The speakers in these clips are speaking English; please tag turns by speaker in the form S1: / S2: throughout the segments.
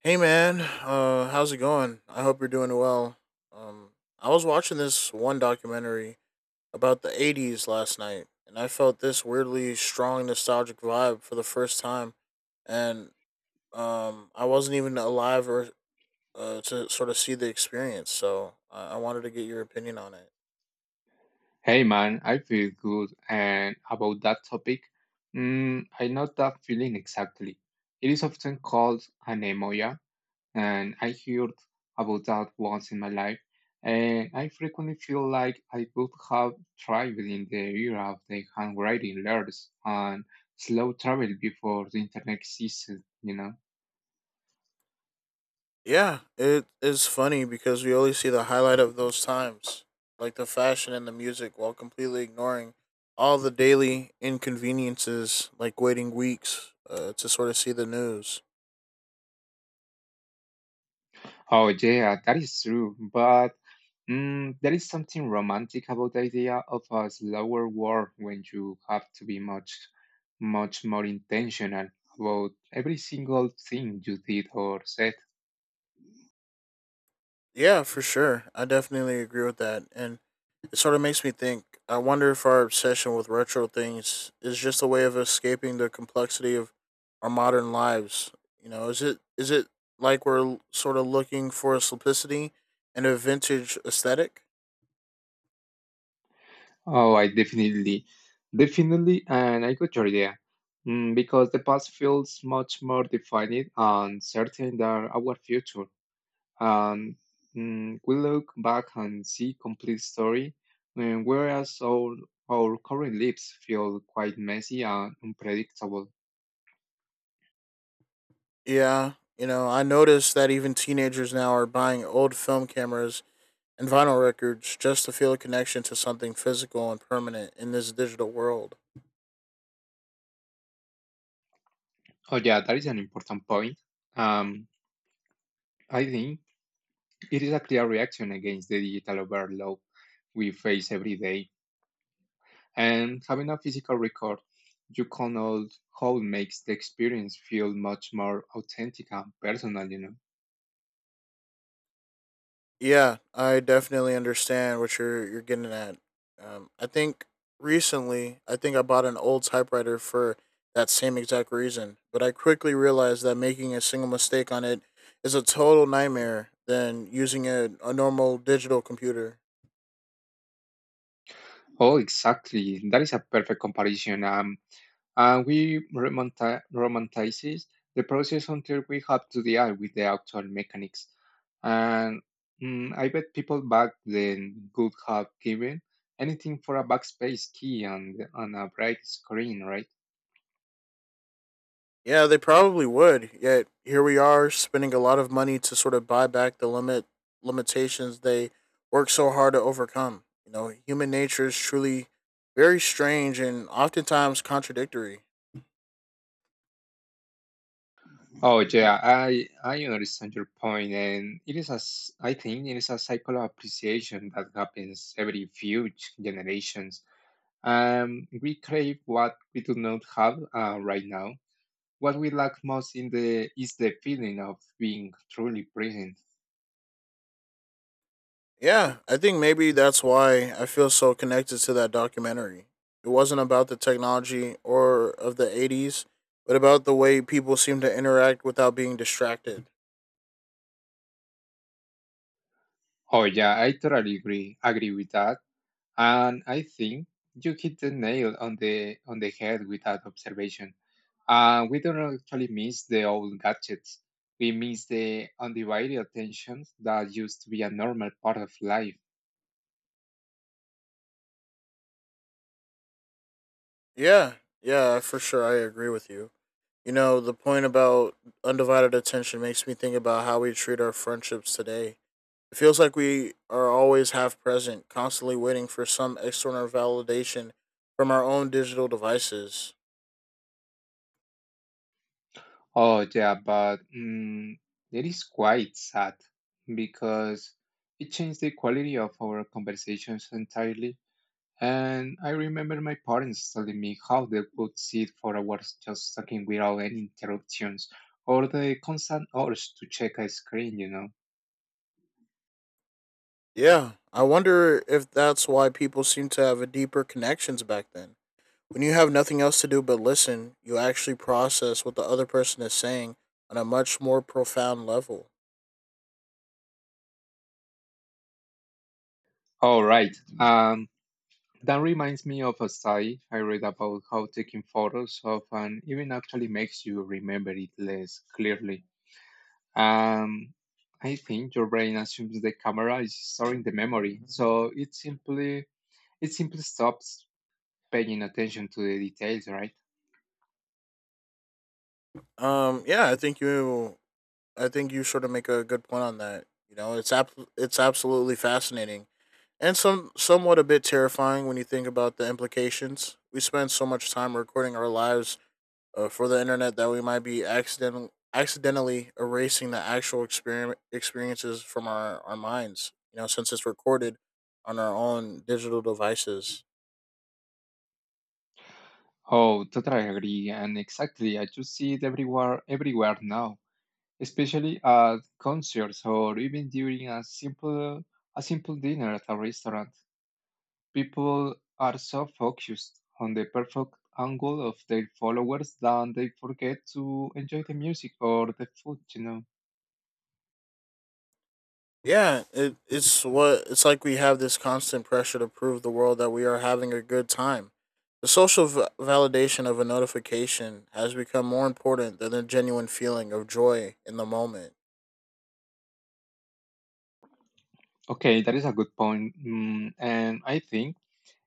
S1: Hey man, how's it going? I hope you're doing well. Um, I was watching this one documentary about the '80s last night, and I felt this weirdly strong nostalgic vibe for the first time. And I wasn't even alive or to sort of see the experience, so I wanted to get your opinion on it.
S2: Hey man, I feel good and about that topic. I know that feeling exactly. It is often called anemia, and I heard about that once in my life, and I frequently feel like I could have thrived in the era of the handwriting letters and slow travel before the internet existed, you know.
S1: Yeah, it is funny because we only see the highlight of those times, like the fashion and the music, while completely ignoring all the daily inconveniences, like waiting weeks to sort of see the news.
S2: Oh, yeah, that is true. But there is something romantic about the idea of a slower war when you have to be much, much more intentional about every single thing you did or said.
S1: Yeah, for sure. I definitely agree with that. And it sort of makes me think I wonder if our obsession with retro things is just a way of escaping the complexity of our modern lives. You know, is it like we're sort of looking for a simplicity and a vintage aesthetic?
S2: Oh, I definitely, definitely, and I got your idea. Because the past feels much more defined and certain than our future. Um, we look back and see complete story, whereas all our current lives feel quite messy and unpredictable.
S1: Yeah, you know, I noticed that even teenagers now are buying old film cameras and vinyl records just to feel a connection to something physical and permanent in this digital world.
S2: Oh yeah, that is an important point. Um, I think it is a clear reaction against the digital overload we face every day. And having a physical record you can all hold makes the experience feel much more authentic and personal, you know.
S1: Yeah, I definitely understand what you're getting at. I think recently, I think I bought an old typewriter for that same exact reason, but I quickly realized that making a single mistake on it is a total nightmare than using a normal digital computer.
S2: Oh, exactly. That is a perfect comparison. And we romanticize the process until we have to deal with the actual mechanics. And I bet people back then would have given anything for a backspace key and a bright screen, right?
S1: Yeah, they probably would. Yet here we are spending a lot of money to sort of buy back the limitations they work so hard to overcome. You know, human nature is truly very strange and oftentimes contradictory.
S2: Oh yeah, I understand your point, and it is as I think it is a cycle of appreciation that happens every few generations. We crave what we do not have right now, what we lack most in the is the feeling of being truly present.
S1: Yeah, I think maybe that's why I feel so connected to that documentary. It wasn't about the technology or of the 80s, but about the way people seem to interact without being distracted.
S2: Oh yeah, I totally agree with that. And I think you hit the nail on the head with that observation. We don't actually miss the old gadgets. We miss the undivided attention that used to be a normal part of life.
S1: Yeah, yeah, for sure. I agree with you. You know, the point about undivided attention makes me think about how we treat our friendships today. It feels like we are always half present, constantly waiting for some external validation from our own digital devices.
S2: Oh yeah, but it is quite sad because it changed the quality of our conversations entirely. And I remember my parents telling me how they would sit for hours just talking without any interruptions, or the constant urge to check a screen, you know.
S1: Yeah, I wonder if that's why people seem to have a deeper connections back then. When you have nothing else to do but listen, you actually process what the other person is saying on a much more profound level.
S2: All right. Um, that reminds me of a study I read about how taking photos of an event actually makes you remember it less clearly. Um, I think your brain assumes the camera is storing the memory, so it simply stops paying attention to the details, right?
S1: Yeah, I think you sort of make a good point on that. You know, it's it's absolutely fascinating and somewhat a bit terrifying when you think about the implications. We spend so much time recording our lives for the internet that we might be accidentally erasing the actual experiment experiences from our minds. You know, since it's recorded on our own digital devices.
S2: Oh, totally agree. And exactly, I just see it everywhere now, especially at concerts or even during a simple dinner at a restaurant. People are so focused on the perfect angle of their followers that they forget to enjoy the music or the food, you know.
S1: Yeah, it, it's what it's like we have this constant pressure to prove the world that we are having a good time. The social validation of a notification has become more important than the genuine feeling of joy in the moment.
S2: Okay, that is a good point. And I think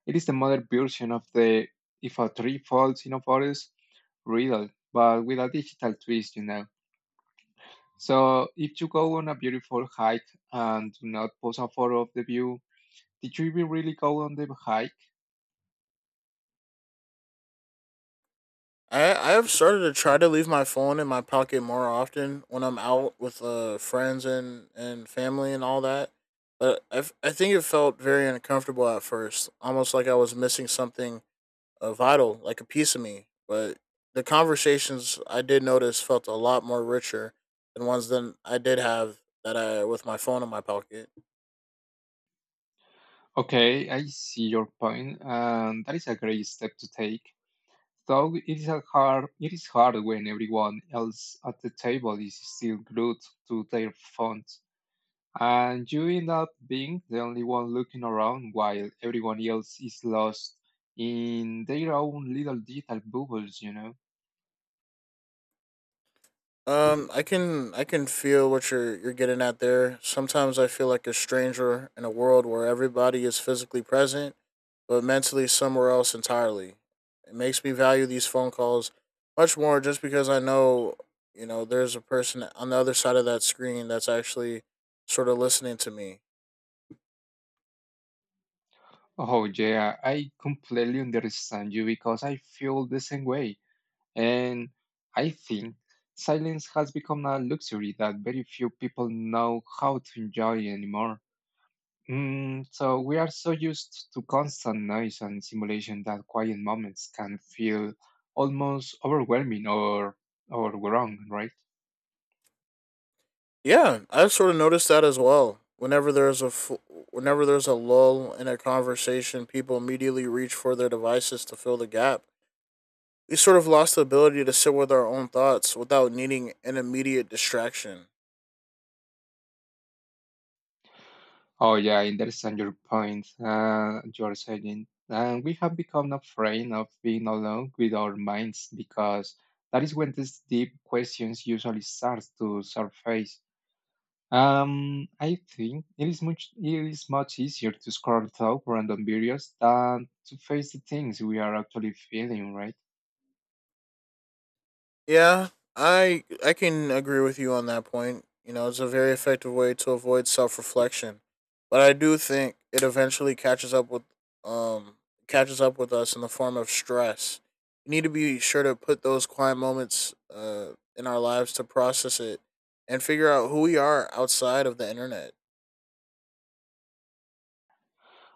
S2: it is the modern version of the If a Tree Falls in a Forest riddle, but with a digital twist, you know. So if you go on a beautiful hike and do not post a photo of the view, did you even really go on the hike?
S1: I have started to try to leave my phone in my pocket more often when I'm out with friends and, family and all that. But I think it felt very uncomfortable at first, almost like I was missing something vital, like a piece of me. But the conversations I did notice felt a lot more richer than ones that I did have that I with my phone in my pocket.
S2: Okay, I see your point, and that is a great step to take. Though it is hard when everyone else at the table is still glued to their phone, and you end up being the only one looking around while everyone else is lost in their own little digital bubbles, you know?
S1: I can feel what you're getting at there. Sometimes I feel like a stranger in a world where everybody is physically present, but mentally somewhere else entirely. It makes me value these phone calls much more just because I know you know there's a person on the other side of that screen that's actually sort of listening to me.
S2: Oh, yeah, I completely understand you because I feel the same way. And I think silence has become a luxury that very few people know how to enjoy anymore. Mm, so we are so used to constant noise and simulation that quiet moments can feel almost overwhelming or wrong, right?
S1: Yeah, I've sort of noticed that as well. Whenever there's a lull in a conversation, people immediately reach for their devices to fill the gap. We sort of lost the ability to sit with our own thoughts without needing an immediate distraction.
S2: Oh yeah, I understand your point. You're saying, and we have become afraid of being alone with our minds because that is when these deep questions usually start to surface. I think it is much easier to scroll through random videos than to face the things we are actually feeling, right?
S1: Yeah, I can agree with you on that point. You know, it's a very effective way to avoid self-reflection, but I do think it eventually um catches up with us in the form of stress. You need to be sure to put those quiet moments in our lives to process it and figure out who we are outside of the internet.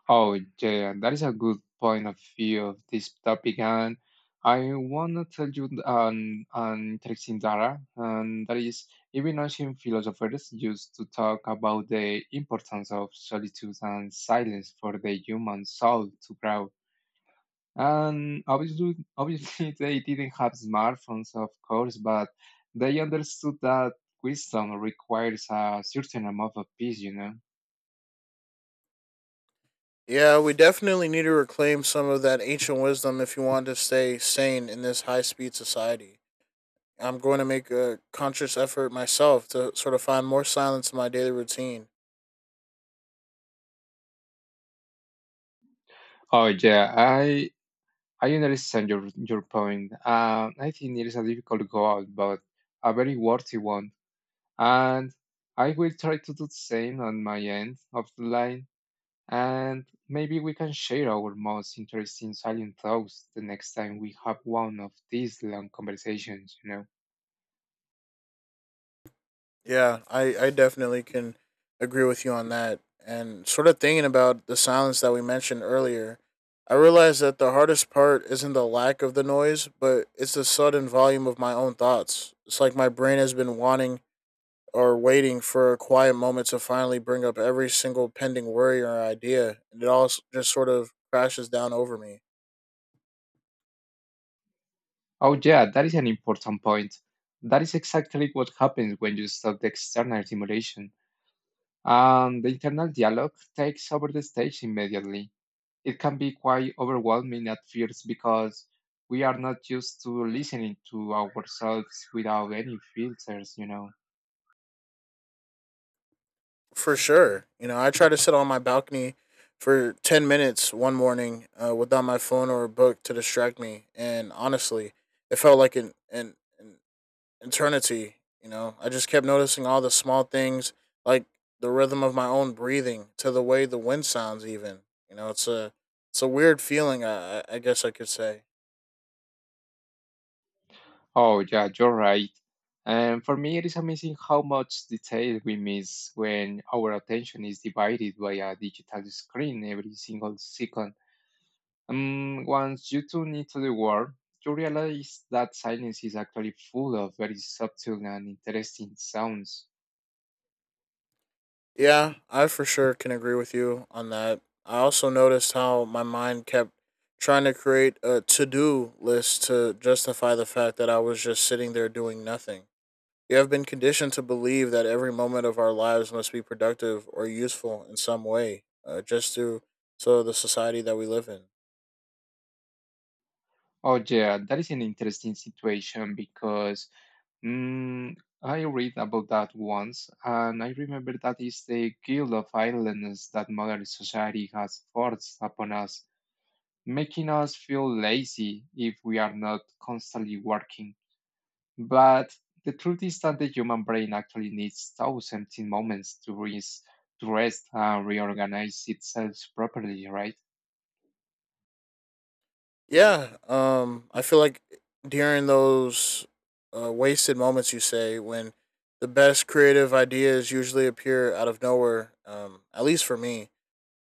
S2: Oh, yeah, that is a good point of view of this topic, and I want to tell you an interesting data, and that is even ancient philosophers used to talk about the importance of solitude and silence for the human soul to grow. And obviously they didn't have smartphones, of course, but they understood that wisdom requires a certain amount of peace, you know.
S1: Yeah, we definitely need to reclaim some of that ancient wisdom if you want to stay sane in this high-speed society. I'm going to make a conscious effort myself to sort of find more silence in my daily routine.
S2: Oh yeah, I understand your point. I think it is a difficult goal, but a very worthy one. And I will try to do the same on my end of the line. And maybe we can share our most interesting silent thoughts the next time we have one of these long conversations, you know.
S1: Yeah, I definitely can agree with you on that. And sort of thinking about the silence that we mentioned earlier, I realized that the hardest part isn't the lack of the noise, but it's the sudden volume of my own thoughts. It's like my brain has been wanting or waiting for a quiet moment to finally bring up every single pending worry or idea, and it all just sort of crashes down over me.
S2: Oh, yeah, that is an important point. That is exactly what happens when you stop the external stimulation. And the internal dialogue takes over the stage immediately. It can be quite overwhelming at first because we are not used to listening to ourselves without any filters, you know.
S1: For sure. You know, I tried to sit on my balcony for 10 minutes one morning without my phone or a book to distract me. And honestly, it felt like an eternity. You know, I just kept noticing all the small things, like the rhythm of my own breathing to the way the wind sounds, even. You know, it's a weird feeling, I guess I could say.
S2: Oh, yeah, you're right. And for me, it is amazing how much detail we miss when our attention is divided by a digital screen every single second. Once you tune into the world, you realize that silence is actually full of very subtle and interesting sounds.
S1: Yeah, I for sure can agree with you on that. I also noticed how my mind kept trying to create a to do list to justify the fact that I was just sitting there doing nothing. We have been conditioned to believe that every moment of our lives must be productive or useful in some way, just through so the society that we live in.
S2: Oh, yeah, that is an interesting situation because mm, I read about that once, and I remember that is the guilt of idleness that modern society has forced upon us, making us feel lazy if we are not constantly working. But the truth is that the human brain actually needs those empty moments to rest and reorganize itself properly, right?
S1: Yeah, I feel like during those wasted moments, you say when the best creative ideas usually appear out of nowhere. At least for me,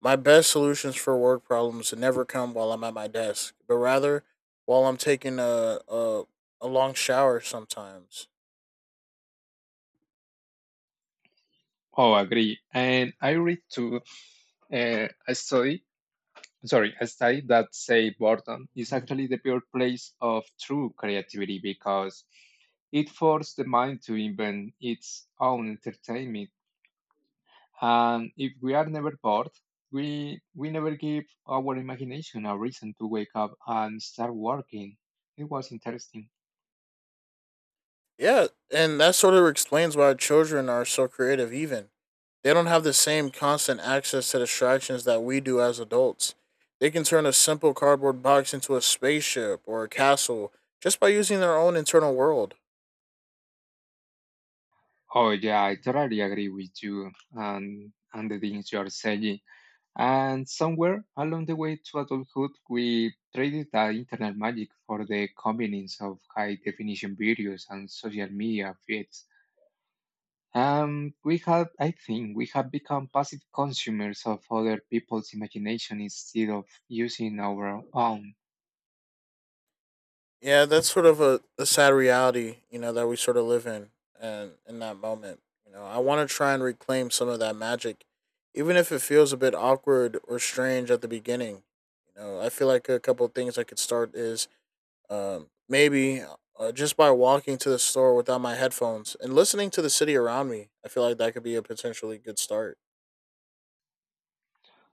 S1: my best solutions for work problems never come while I'm at my desk, but rather while I'm taking a long shower. Sometimes,
S2: Oh, agree. And I read too uh, a study a study that say boredom is actually the pure place of true creativity because it forces the mind to invent its own entertainment. And if we are never bored, we never give our imagination a reason to wake up and start working. It was interesting.
S1: yeah, and that sort of explains why children are so creative, even they don't have the same constant access to distractions that we do as adults. They can turn a simple cardboard box into a spaceship or a castle just by using their own internal world.
S2: Oh yeah, I totally agree with you and the things you are saying. And somewhere along the way to adulthood, we traded that internal magic for the convenience of high definition videos and social media feeds. I think we have become passive consumers of other people's imagination instead of using our own.
S1: Yeah, that's sort of a the sad reality, you know, that we sort of live in and in that moment. You know, I want to try and reclaim some of that magic, even if it feels a bit awkward or strange at the beginning. You know, I feel like a couple of things I could start is maybe just by walking to the store without my headphones and listening to the city around me, I feel like that could be a potentially good start.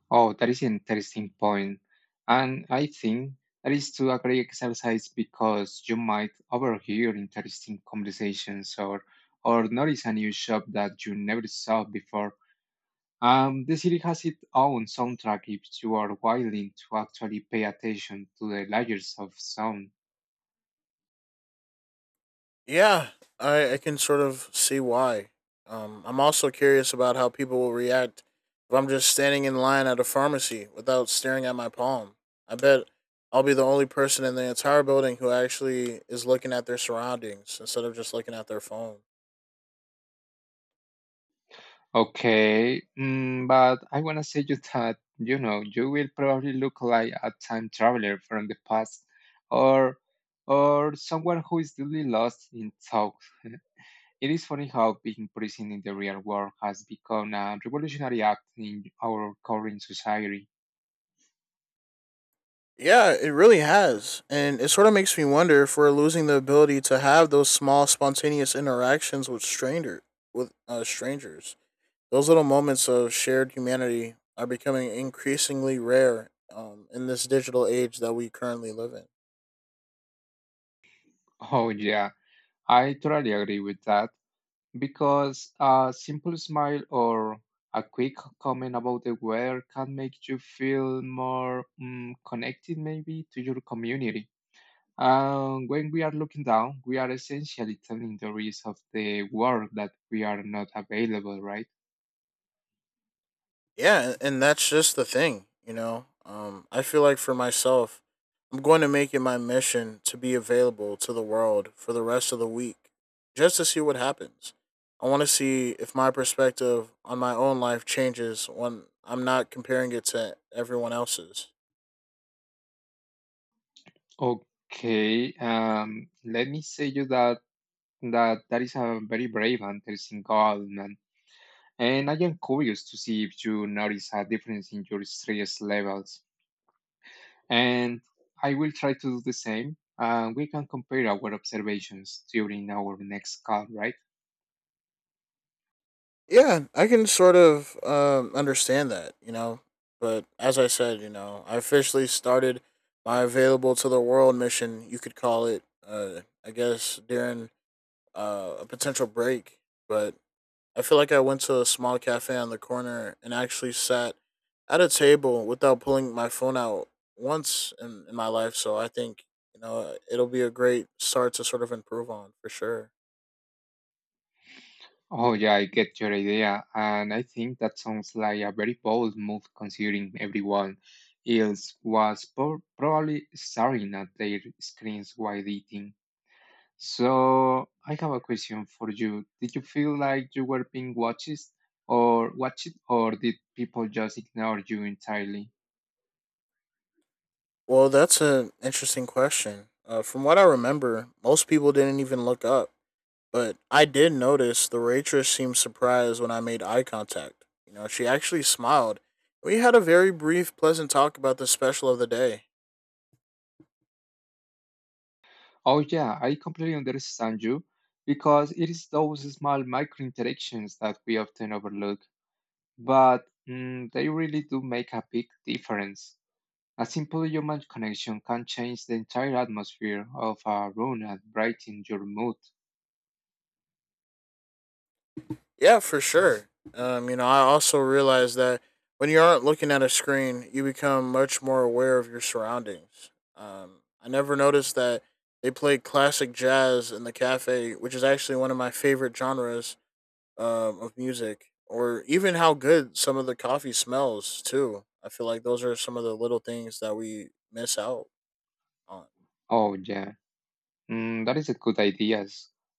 S2: Oh, that is an interesting point. And I think that is to a great exercise because you might overhear interesting conversations or notice a new shop that you never saw before. The series has its own soundtrack if you are willing to actually pay attention to the layers of sound.
S1: Yeah, I can sort of see why. I'm also curious about how people will react if I'm just standing in line at a pharmacy without staring at my palm. I bet I'll be the only person in the entire building who actually is looking at their surroundings instead of just looking at their phone.
S2: Okay, but I want to say you that, you know, you will probably look like a time traveler from the past or or someone who is really lost in thought. It is funny how being prison in the real world has become a revolutionary act in our current society.
S1: Yeah, it really has. And it sort of makes me wonder if we're losing the ability to have those small spontaneous interactions with strangers. Those little moments of shared humanity are becoming increasingly rare in this digital age that we currently live in.
S2: Oh yeah, I totally agree with that, because a simple smile or a quick comment about the weather can make you feel more connected, maybe, to your community. And when we are looking down, we are essentially telling the rest of the world that we are not available, right?
S1: Yeah, and that's just the thing, you know. I feel like for myself, I'm going to make it my mission to be available to the world for the rest of the week just to see what happens. I want to see if my perspective on my own life changes when I'm not comparing it to everyone else's.
S2: Okay, let me say you that that is a very brave and interesting goal, man. And I am curious to see if you notice a difference in your stress levels. And I will try to do the same. And we can compare our observations during our next call, right?
S1: Yeah, I can sort of understand that, you know. But as I said, you know, I officially started my available to the world mission, you could call it, I guess, during a potential break. But I feel like I went to a small cafe on the corner and actually sat at a table without pulling my phone out once in my life. So I think, you know, it'll be a great start to sort of improve on for sure.
S2: Oh, yeah, I get your idea. And I think that sounds like a very bold move considering everyone else was probably staring at their screens while eating. So I have a question for you. Did you feel like you were being watched or did people just ignore you entirely?
S1: Well, that's an interesting question. From what I remember, most people didn't even look up, but I did notice the waitress seemed surprised when I made eye contact. You know, she actually smiled. We had a very brief, pleasant talk about the special of the day.
S2: Oh yeah, I completely understand you because it is those small micro interactions that we often overlook, but they really do make a big difference. A simple human connection can change the entire atmosphere of a room and brighten your mood.
S1: Yeah, for sure. You know, I also realized that when you aren't looking at a screen, you become much more aware of your surroundings. I never noticed that they played classic jazz in the cafe, which is actually one of my favorite genres of music, or even how good some of the coffee smells, too. I feel like those are some of the little things that we miss out on.
S2: Oh, yeah, that is a good idea.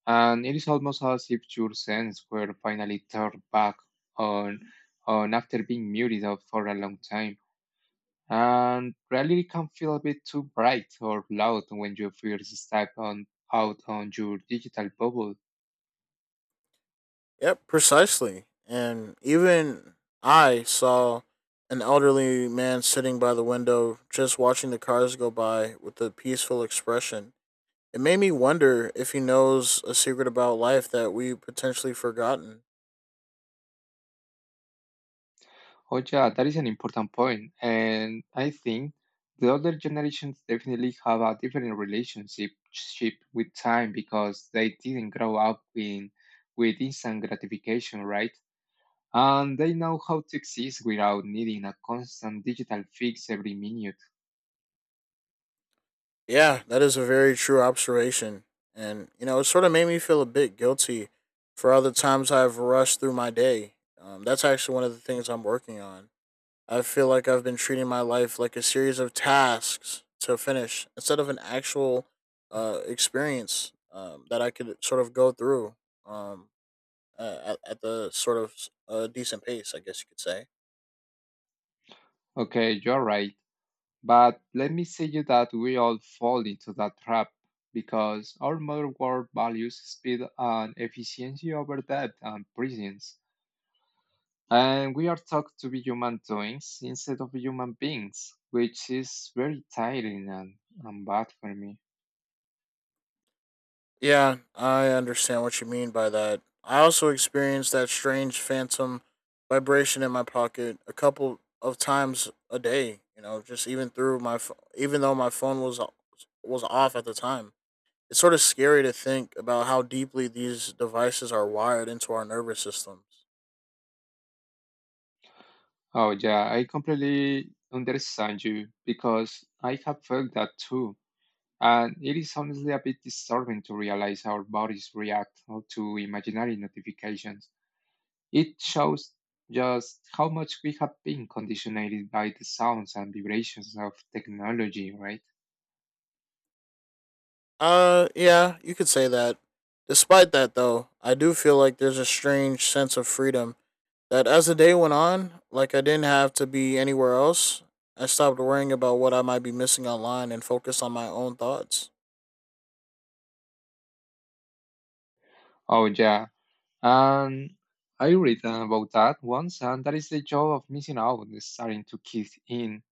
S2: And it is almost as if your sense were finally turned back on, on after being muted out for a long time. And reality can feel a bit too bright or loud when you first step out on your digital bubble.
S1: Yep, precisely. And even I saw an elderly man sitting by the window just watching the cars go by with a peaceful expression. It made me wonder if he knows a secret about life that we potentially forgotten.
S2: Oh yeah, that is an important point, and I think the older generations definitely have a different relationship ship with time because they didn't grow up with instant gratification, right? And they know how to exist without needing a constant digital fix every minute.
S1: Yeah, that is a very true observation. And, you know, it sort of made me feel a bit guilty for all the times I've rushed through my day. That's actually one of the things I'm working on. I feel like I've been treating my life like a series of tasks to finish instead of an actual experience that I could sort of go through um, at the sort of decent pace, I guess you could say.
S2: Okay, you're right, but let me say you that we all fall into that trap because our modern world values speed and efficiency over depth and presence. And we are taught to be human doings instead of human beings, which is very tiring and bad for me.
S1: Yeah, I understand what you mean by that. I also experienced that strange phantom vibration in my pocket a couple of times a day, you know, just even through my even though my phone was off at the time. It's sort of scary to think about how deeply these devices are wired into our nervous systems.
S2: Oh, yeah, I completely understand you because I have felt that too. And it is honestly a bit disturbing to realize how our bodies react to imaginary notifications. It shows just how much we have been conditioned by the sounds and vibrations of technology, right?
S1: Yeah, you could say that. Despite that, though, I do feel like there's a strange sense of freedom that as the day went on, like I didn't have to be anywhere else. I stopped worrying about what I might be missing online and focused on my own thoughts.
S2: Oh, yeah. And I read about that once, and that is the joy of missing out is starting to kick in,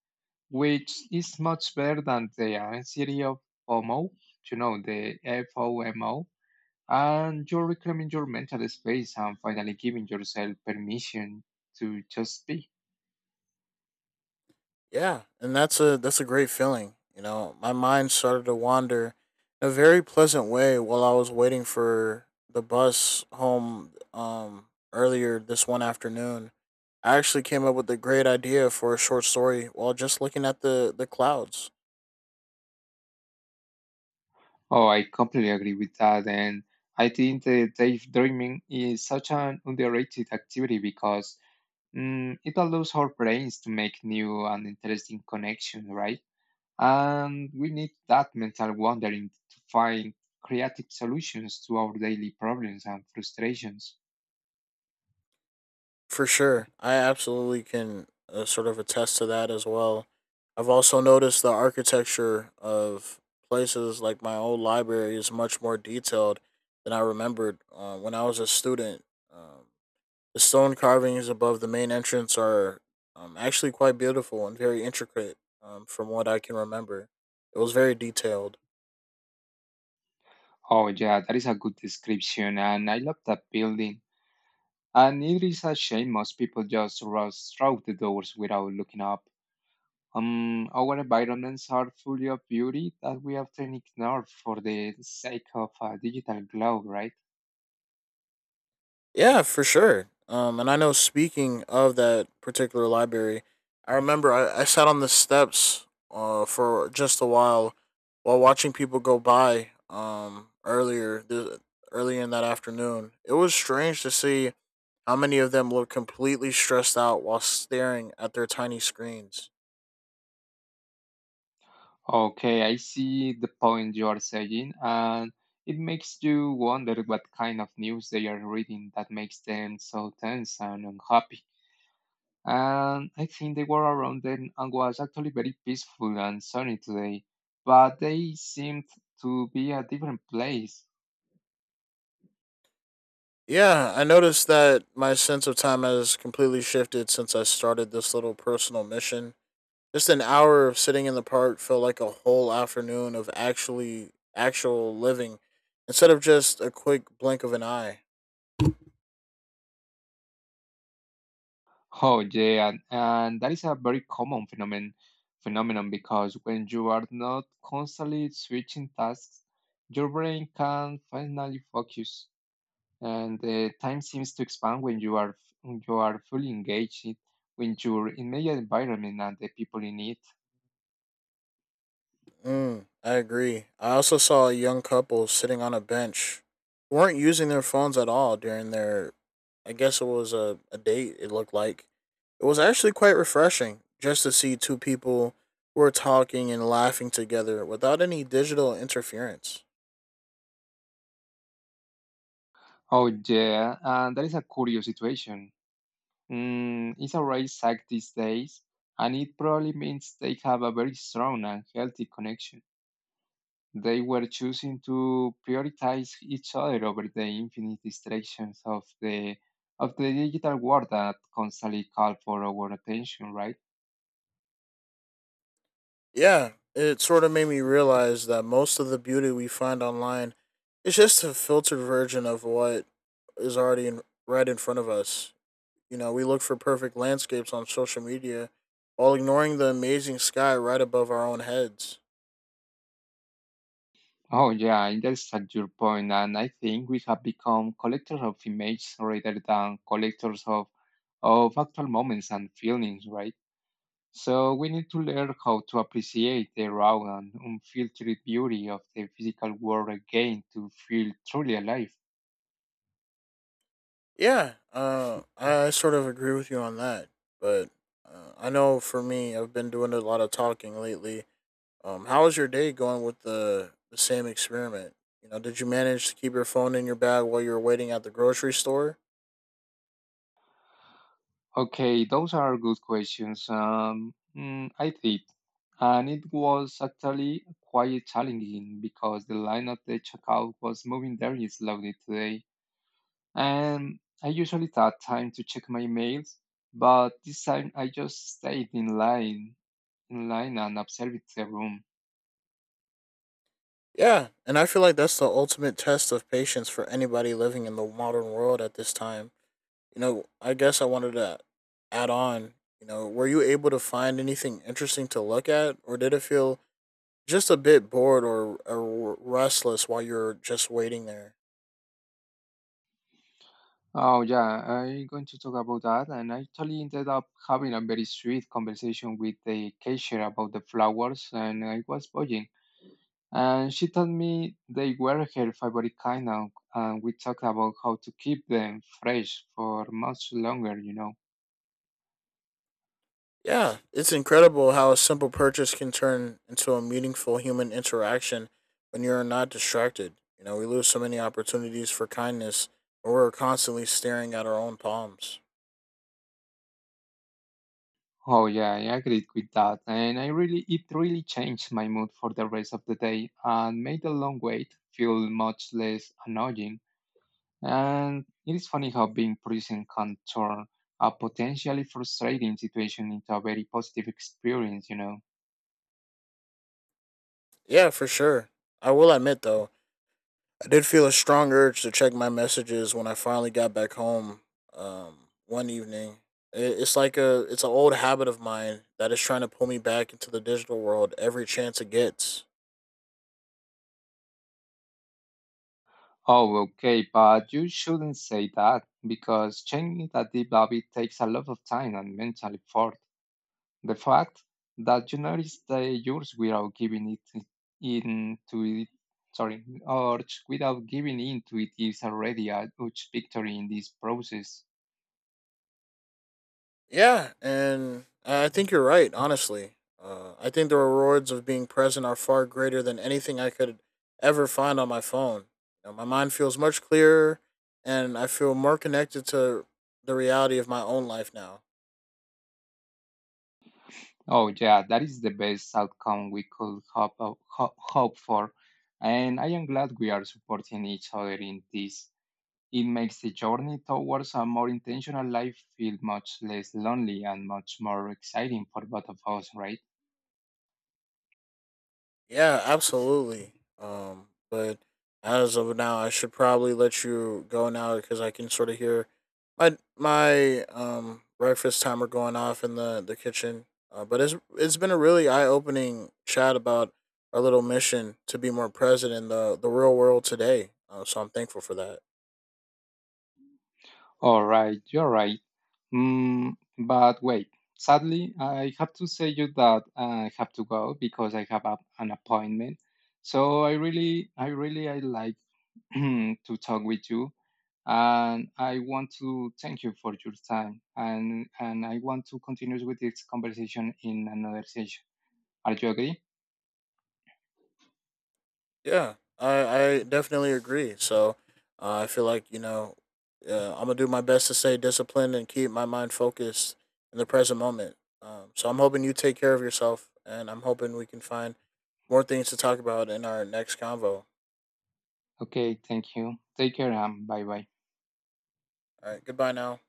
S2: which is much better than the anxiety of FOMO, the FOMO. And you're reclaiming your mental space and finally giving yourself permission to just be.
S1: Yeah, and that's a great feeling. You know, my mind started to wander in a very pleasant way while I was waiting for the bus home earlier this one afternoon. I actually came up with a great idea for a short story while just looking at the clouds.
S2: Oh, I completely agree with that. And I think the daydreaming is such an underrated activity because mm, it allows our brains to make new and interesting connections, right? And we need that mental wandering to find creative solutions to our daily problems and frustrations.
S1: For sure. I absolutely can sort of attest to that as well. I've also noticed the architecture of places like my old library is much more detailed than I remembered when I was a student. Um, the stone carvings above the main entrance are actually quite beautiful and very intricate from what I can remember. It was very detailed.
S2: Oh, yeah, that is a good description, and I love that building. And it is a shame most people just rush through the doors without looking up. Our environments are full of beauty that we often ignore for the sake of a digital glow, right?
S1: Yeah, for sure. And I know, speaking of that particular library, I remember I sat on the steps for just a while watching people go by, early in that afternoon. It was strange to see how many of them looked completely stressed out while staring at their tiny screens.
S2: Okay, I see the point you are saying, and it makes you wonder what kind of news they are reading that makes them so tense and unhappy. And I think the war around them and was actually very peaceful and sunny today, but they seemed to be a different place.
S1: Yeah, I noticed that my sense of time has completely shifted since I started this little personal mission. Just an hour of sitting in the park felt like a whole afternoon of actual living instead of just a quick blink of an eye.
S2: Oh yeah, and that is a very common phenomenon because when you are not constantly switching tasks, your brain can finally focus, and the time seems to expand when you are fully engaged in your immediate environment and the people in it.
S1: Mm, I agree. I also saw a young couple sitting on a bench who weren't using their phones at all during their, I guess it was a date, it looked like. It was actually quite refreshing just to see two people who were talking and laughing together without any digital interference.
S2: Oh yeah, and that is a curious situation. Mm, it's a rare sight these days, and it probably means they have a very strong and healthy connection. They were choosing to prioritize each other over the infinite distractions of the digital world that constantly call for our attention, right?
S1: Yeah, it sort of made me realize that most of the beauty we find online is just a filtered version of what is right in front of us. You know, we look for perfect landscapes on social media while ignoring the amazing sky right above our own heads.
S2: Oh yeah, I understand your point, and I think we have become collectors of images rather than collectors of actual moments and feelings, right? So we need to learn how to appreciate the raw and unfiltered beauty of the physical world again to feel truly alive.
S1: Yeah, I sort of agree with you on that. But I know for me, I've been doing a lot of talking lately. How was your day going with the same experiment? You know, did you manage to keep your phone in your bag while you were waiting at the grocery store?
S2: Okay, those are good questions. Mm, I did, and it was actually quite challenging because the line at the checkout was moving very slowly today, and I usually take time to check my mails, but this time I just stayed in line and observed the room.
S1: Yeah, and I feel like that's the ultimate test of patience for anybody living in the modern world at this time. You know, I guess I wanted to add on, you know, were you able to find anything interesting to look at, or did it feel just a bit bored or restless while you're just waiting there?
S2: Oh yeah, I'm going to talk about that, and I actually ended up having a very sweet conversation with the cashier about the flowers, and I was buying. And she told me they were her favorite kind now, and we talked about how to keep them fresh for much longer.
S1: Yeah, it's incredible how a simple purchase can turn into a meaningful human interaction when you're not distracted. You know, we lose so many opportunities for kindness when we're constantly staring at our own palms.
S2: Oh yeah, I agreed with that, and I really it really changed my mood for the rest of the day and made the long wait feel much less annoying. And it is funny how being present can turn a potentially frustrating situation into a very positive experience.
S1: Yeah, for sure. I will admit, though, I did feel a strong urge to check my messages when I finally got back home one evening. It's like a it's an old habit of mine that is trying to pull me back into the digital world every chance it gets.
S2: Oh, okay, but you shouldn't say that because changing that deep habit takes a lot of time and mental effort. The fact that you notice the yours without giving it I- in to it, sorry, without giving in to it is already a huge victory in this process.
S1: Yeah, and I think you're right. Honestly, I think the rewards of being present are far greater than anything I could ever find on my phone. You know, my mind feels much clearer, and I feel more connected to the reality of my own life now.
S2: Oh, yeah, that is the best outcome we could hope for. And I am glad we are supporting each other in this. It makes the journey towards a more intentional life feel much less lonely and much more exciting for both of us, right?
S1: Yeah, absolutely. But as of now, I should probably let you go now because I can sort of hear my breakfast timer going off in the kitchen. But it's been a really eye opening chat about our little mission to be more present in the real world today. So I'm thankful for that.
S2: All right, you're right. Mm, but wait, sadly, I have to say you that I have to go because I have an appointment. So I really, I like to talk with you, and I want to thank you for your time, and I want to continue with this conversation in another session. Are you agree?
S1: Yeah, I definitely agree. So I feel like, you know, I'm going to do my best to stay disciplined and keep my mind focused in the present moment. So I'm hoping you take care of yourself, and I'm hoping we can find more things to talk about in our next convo. All
S2: Okay, thank you. Take care, bye bye.
S1: right, goodbye now.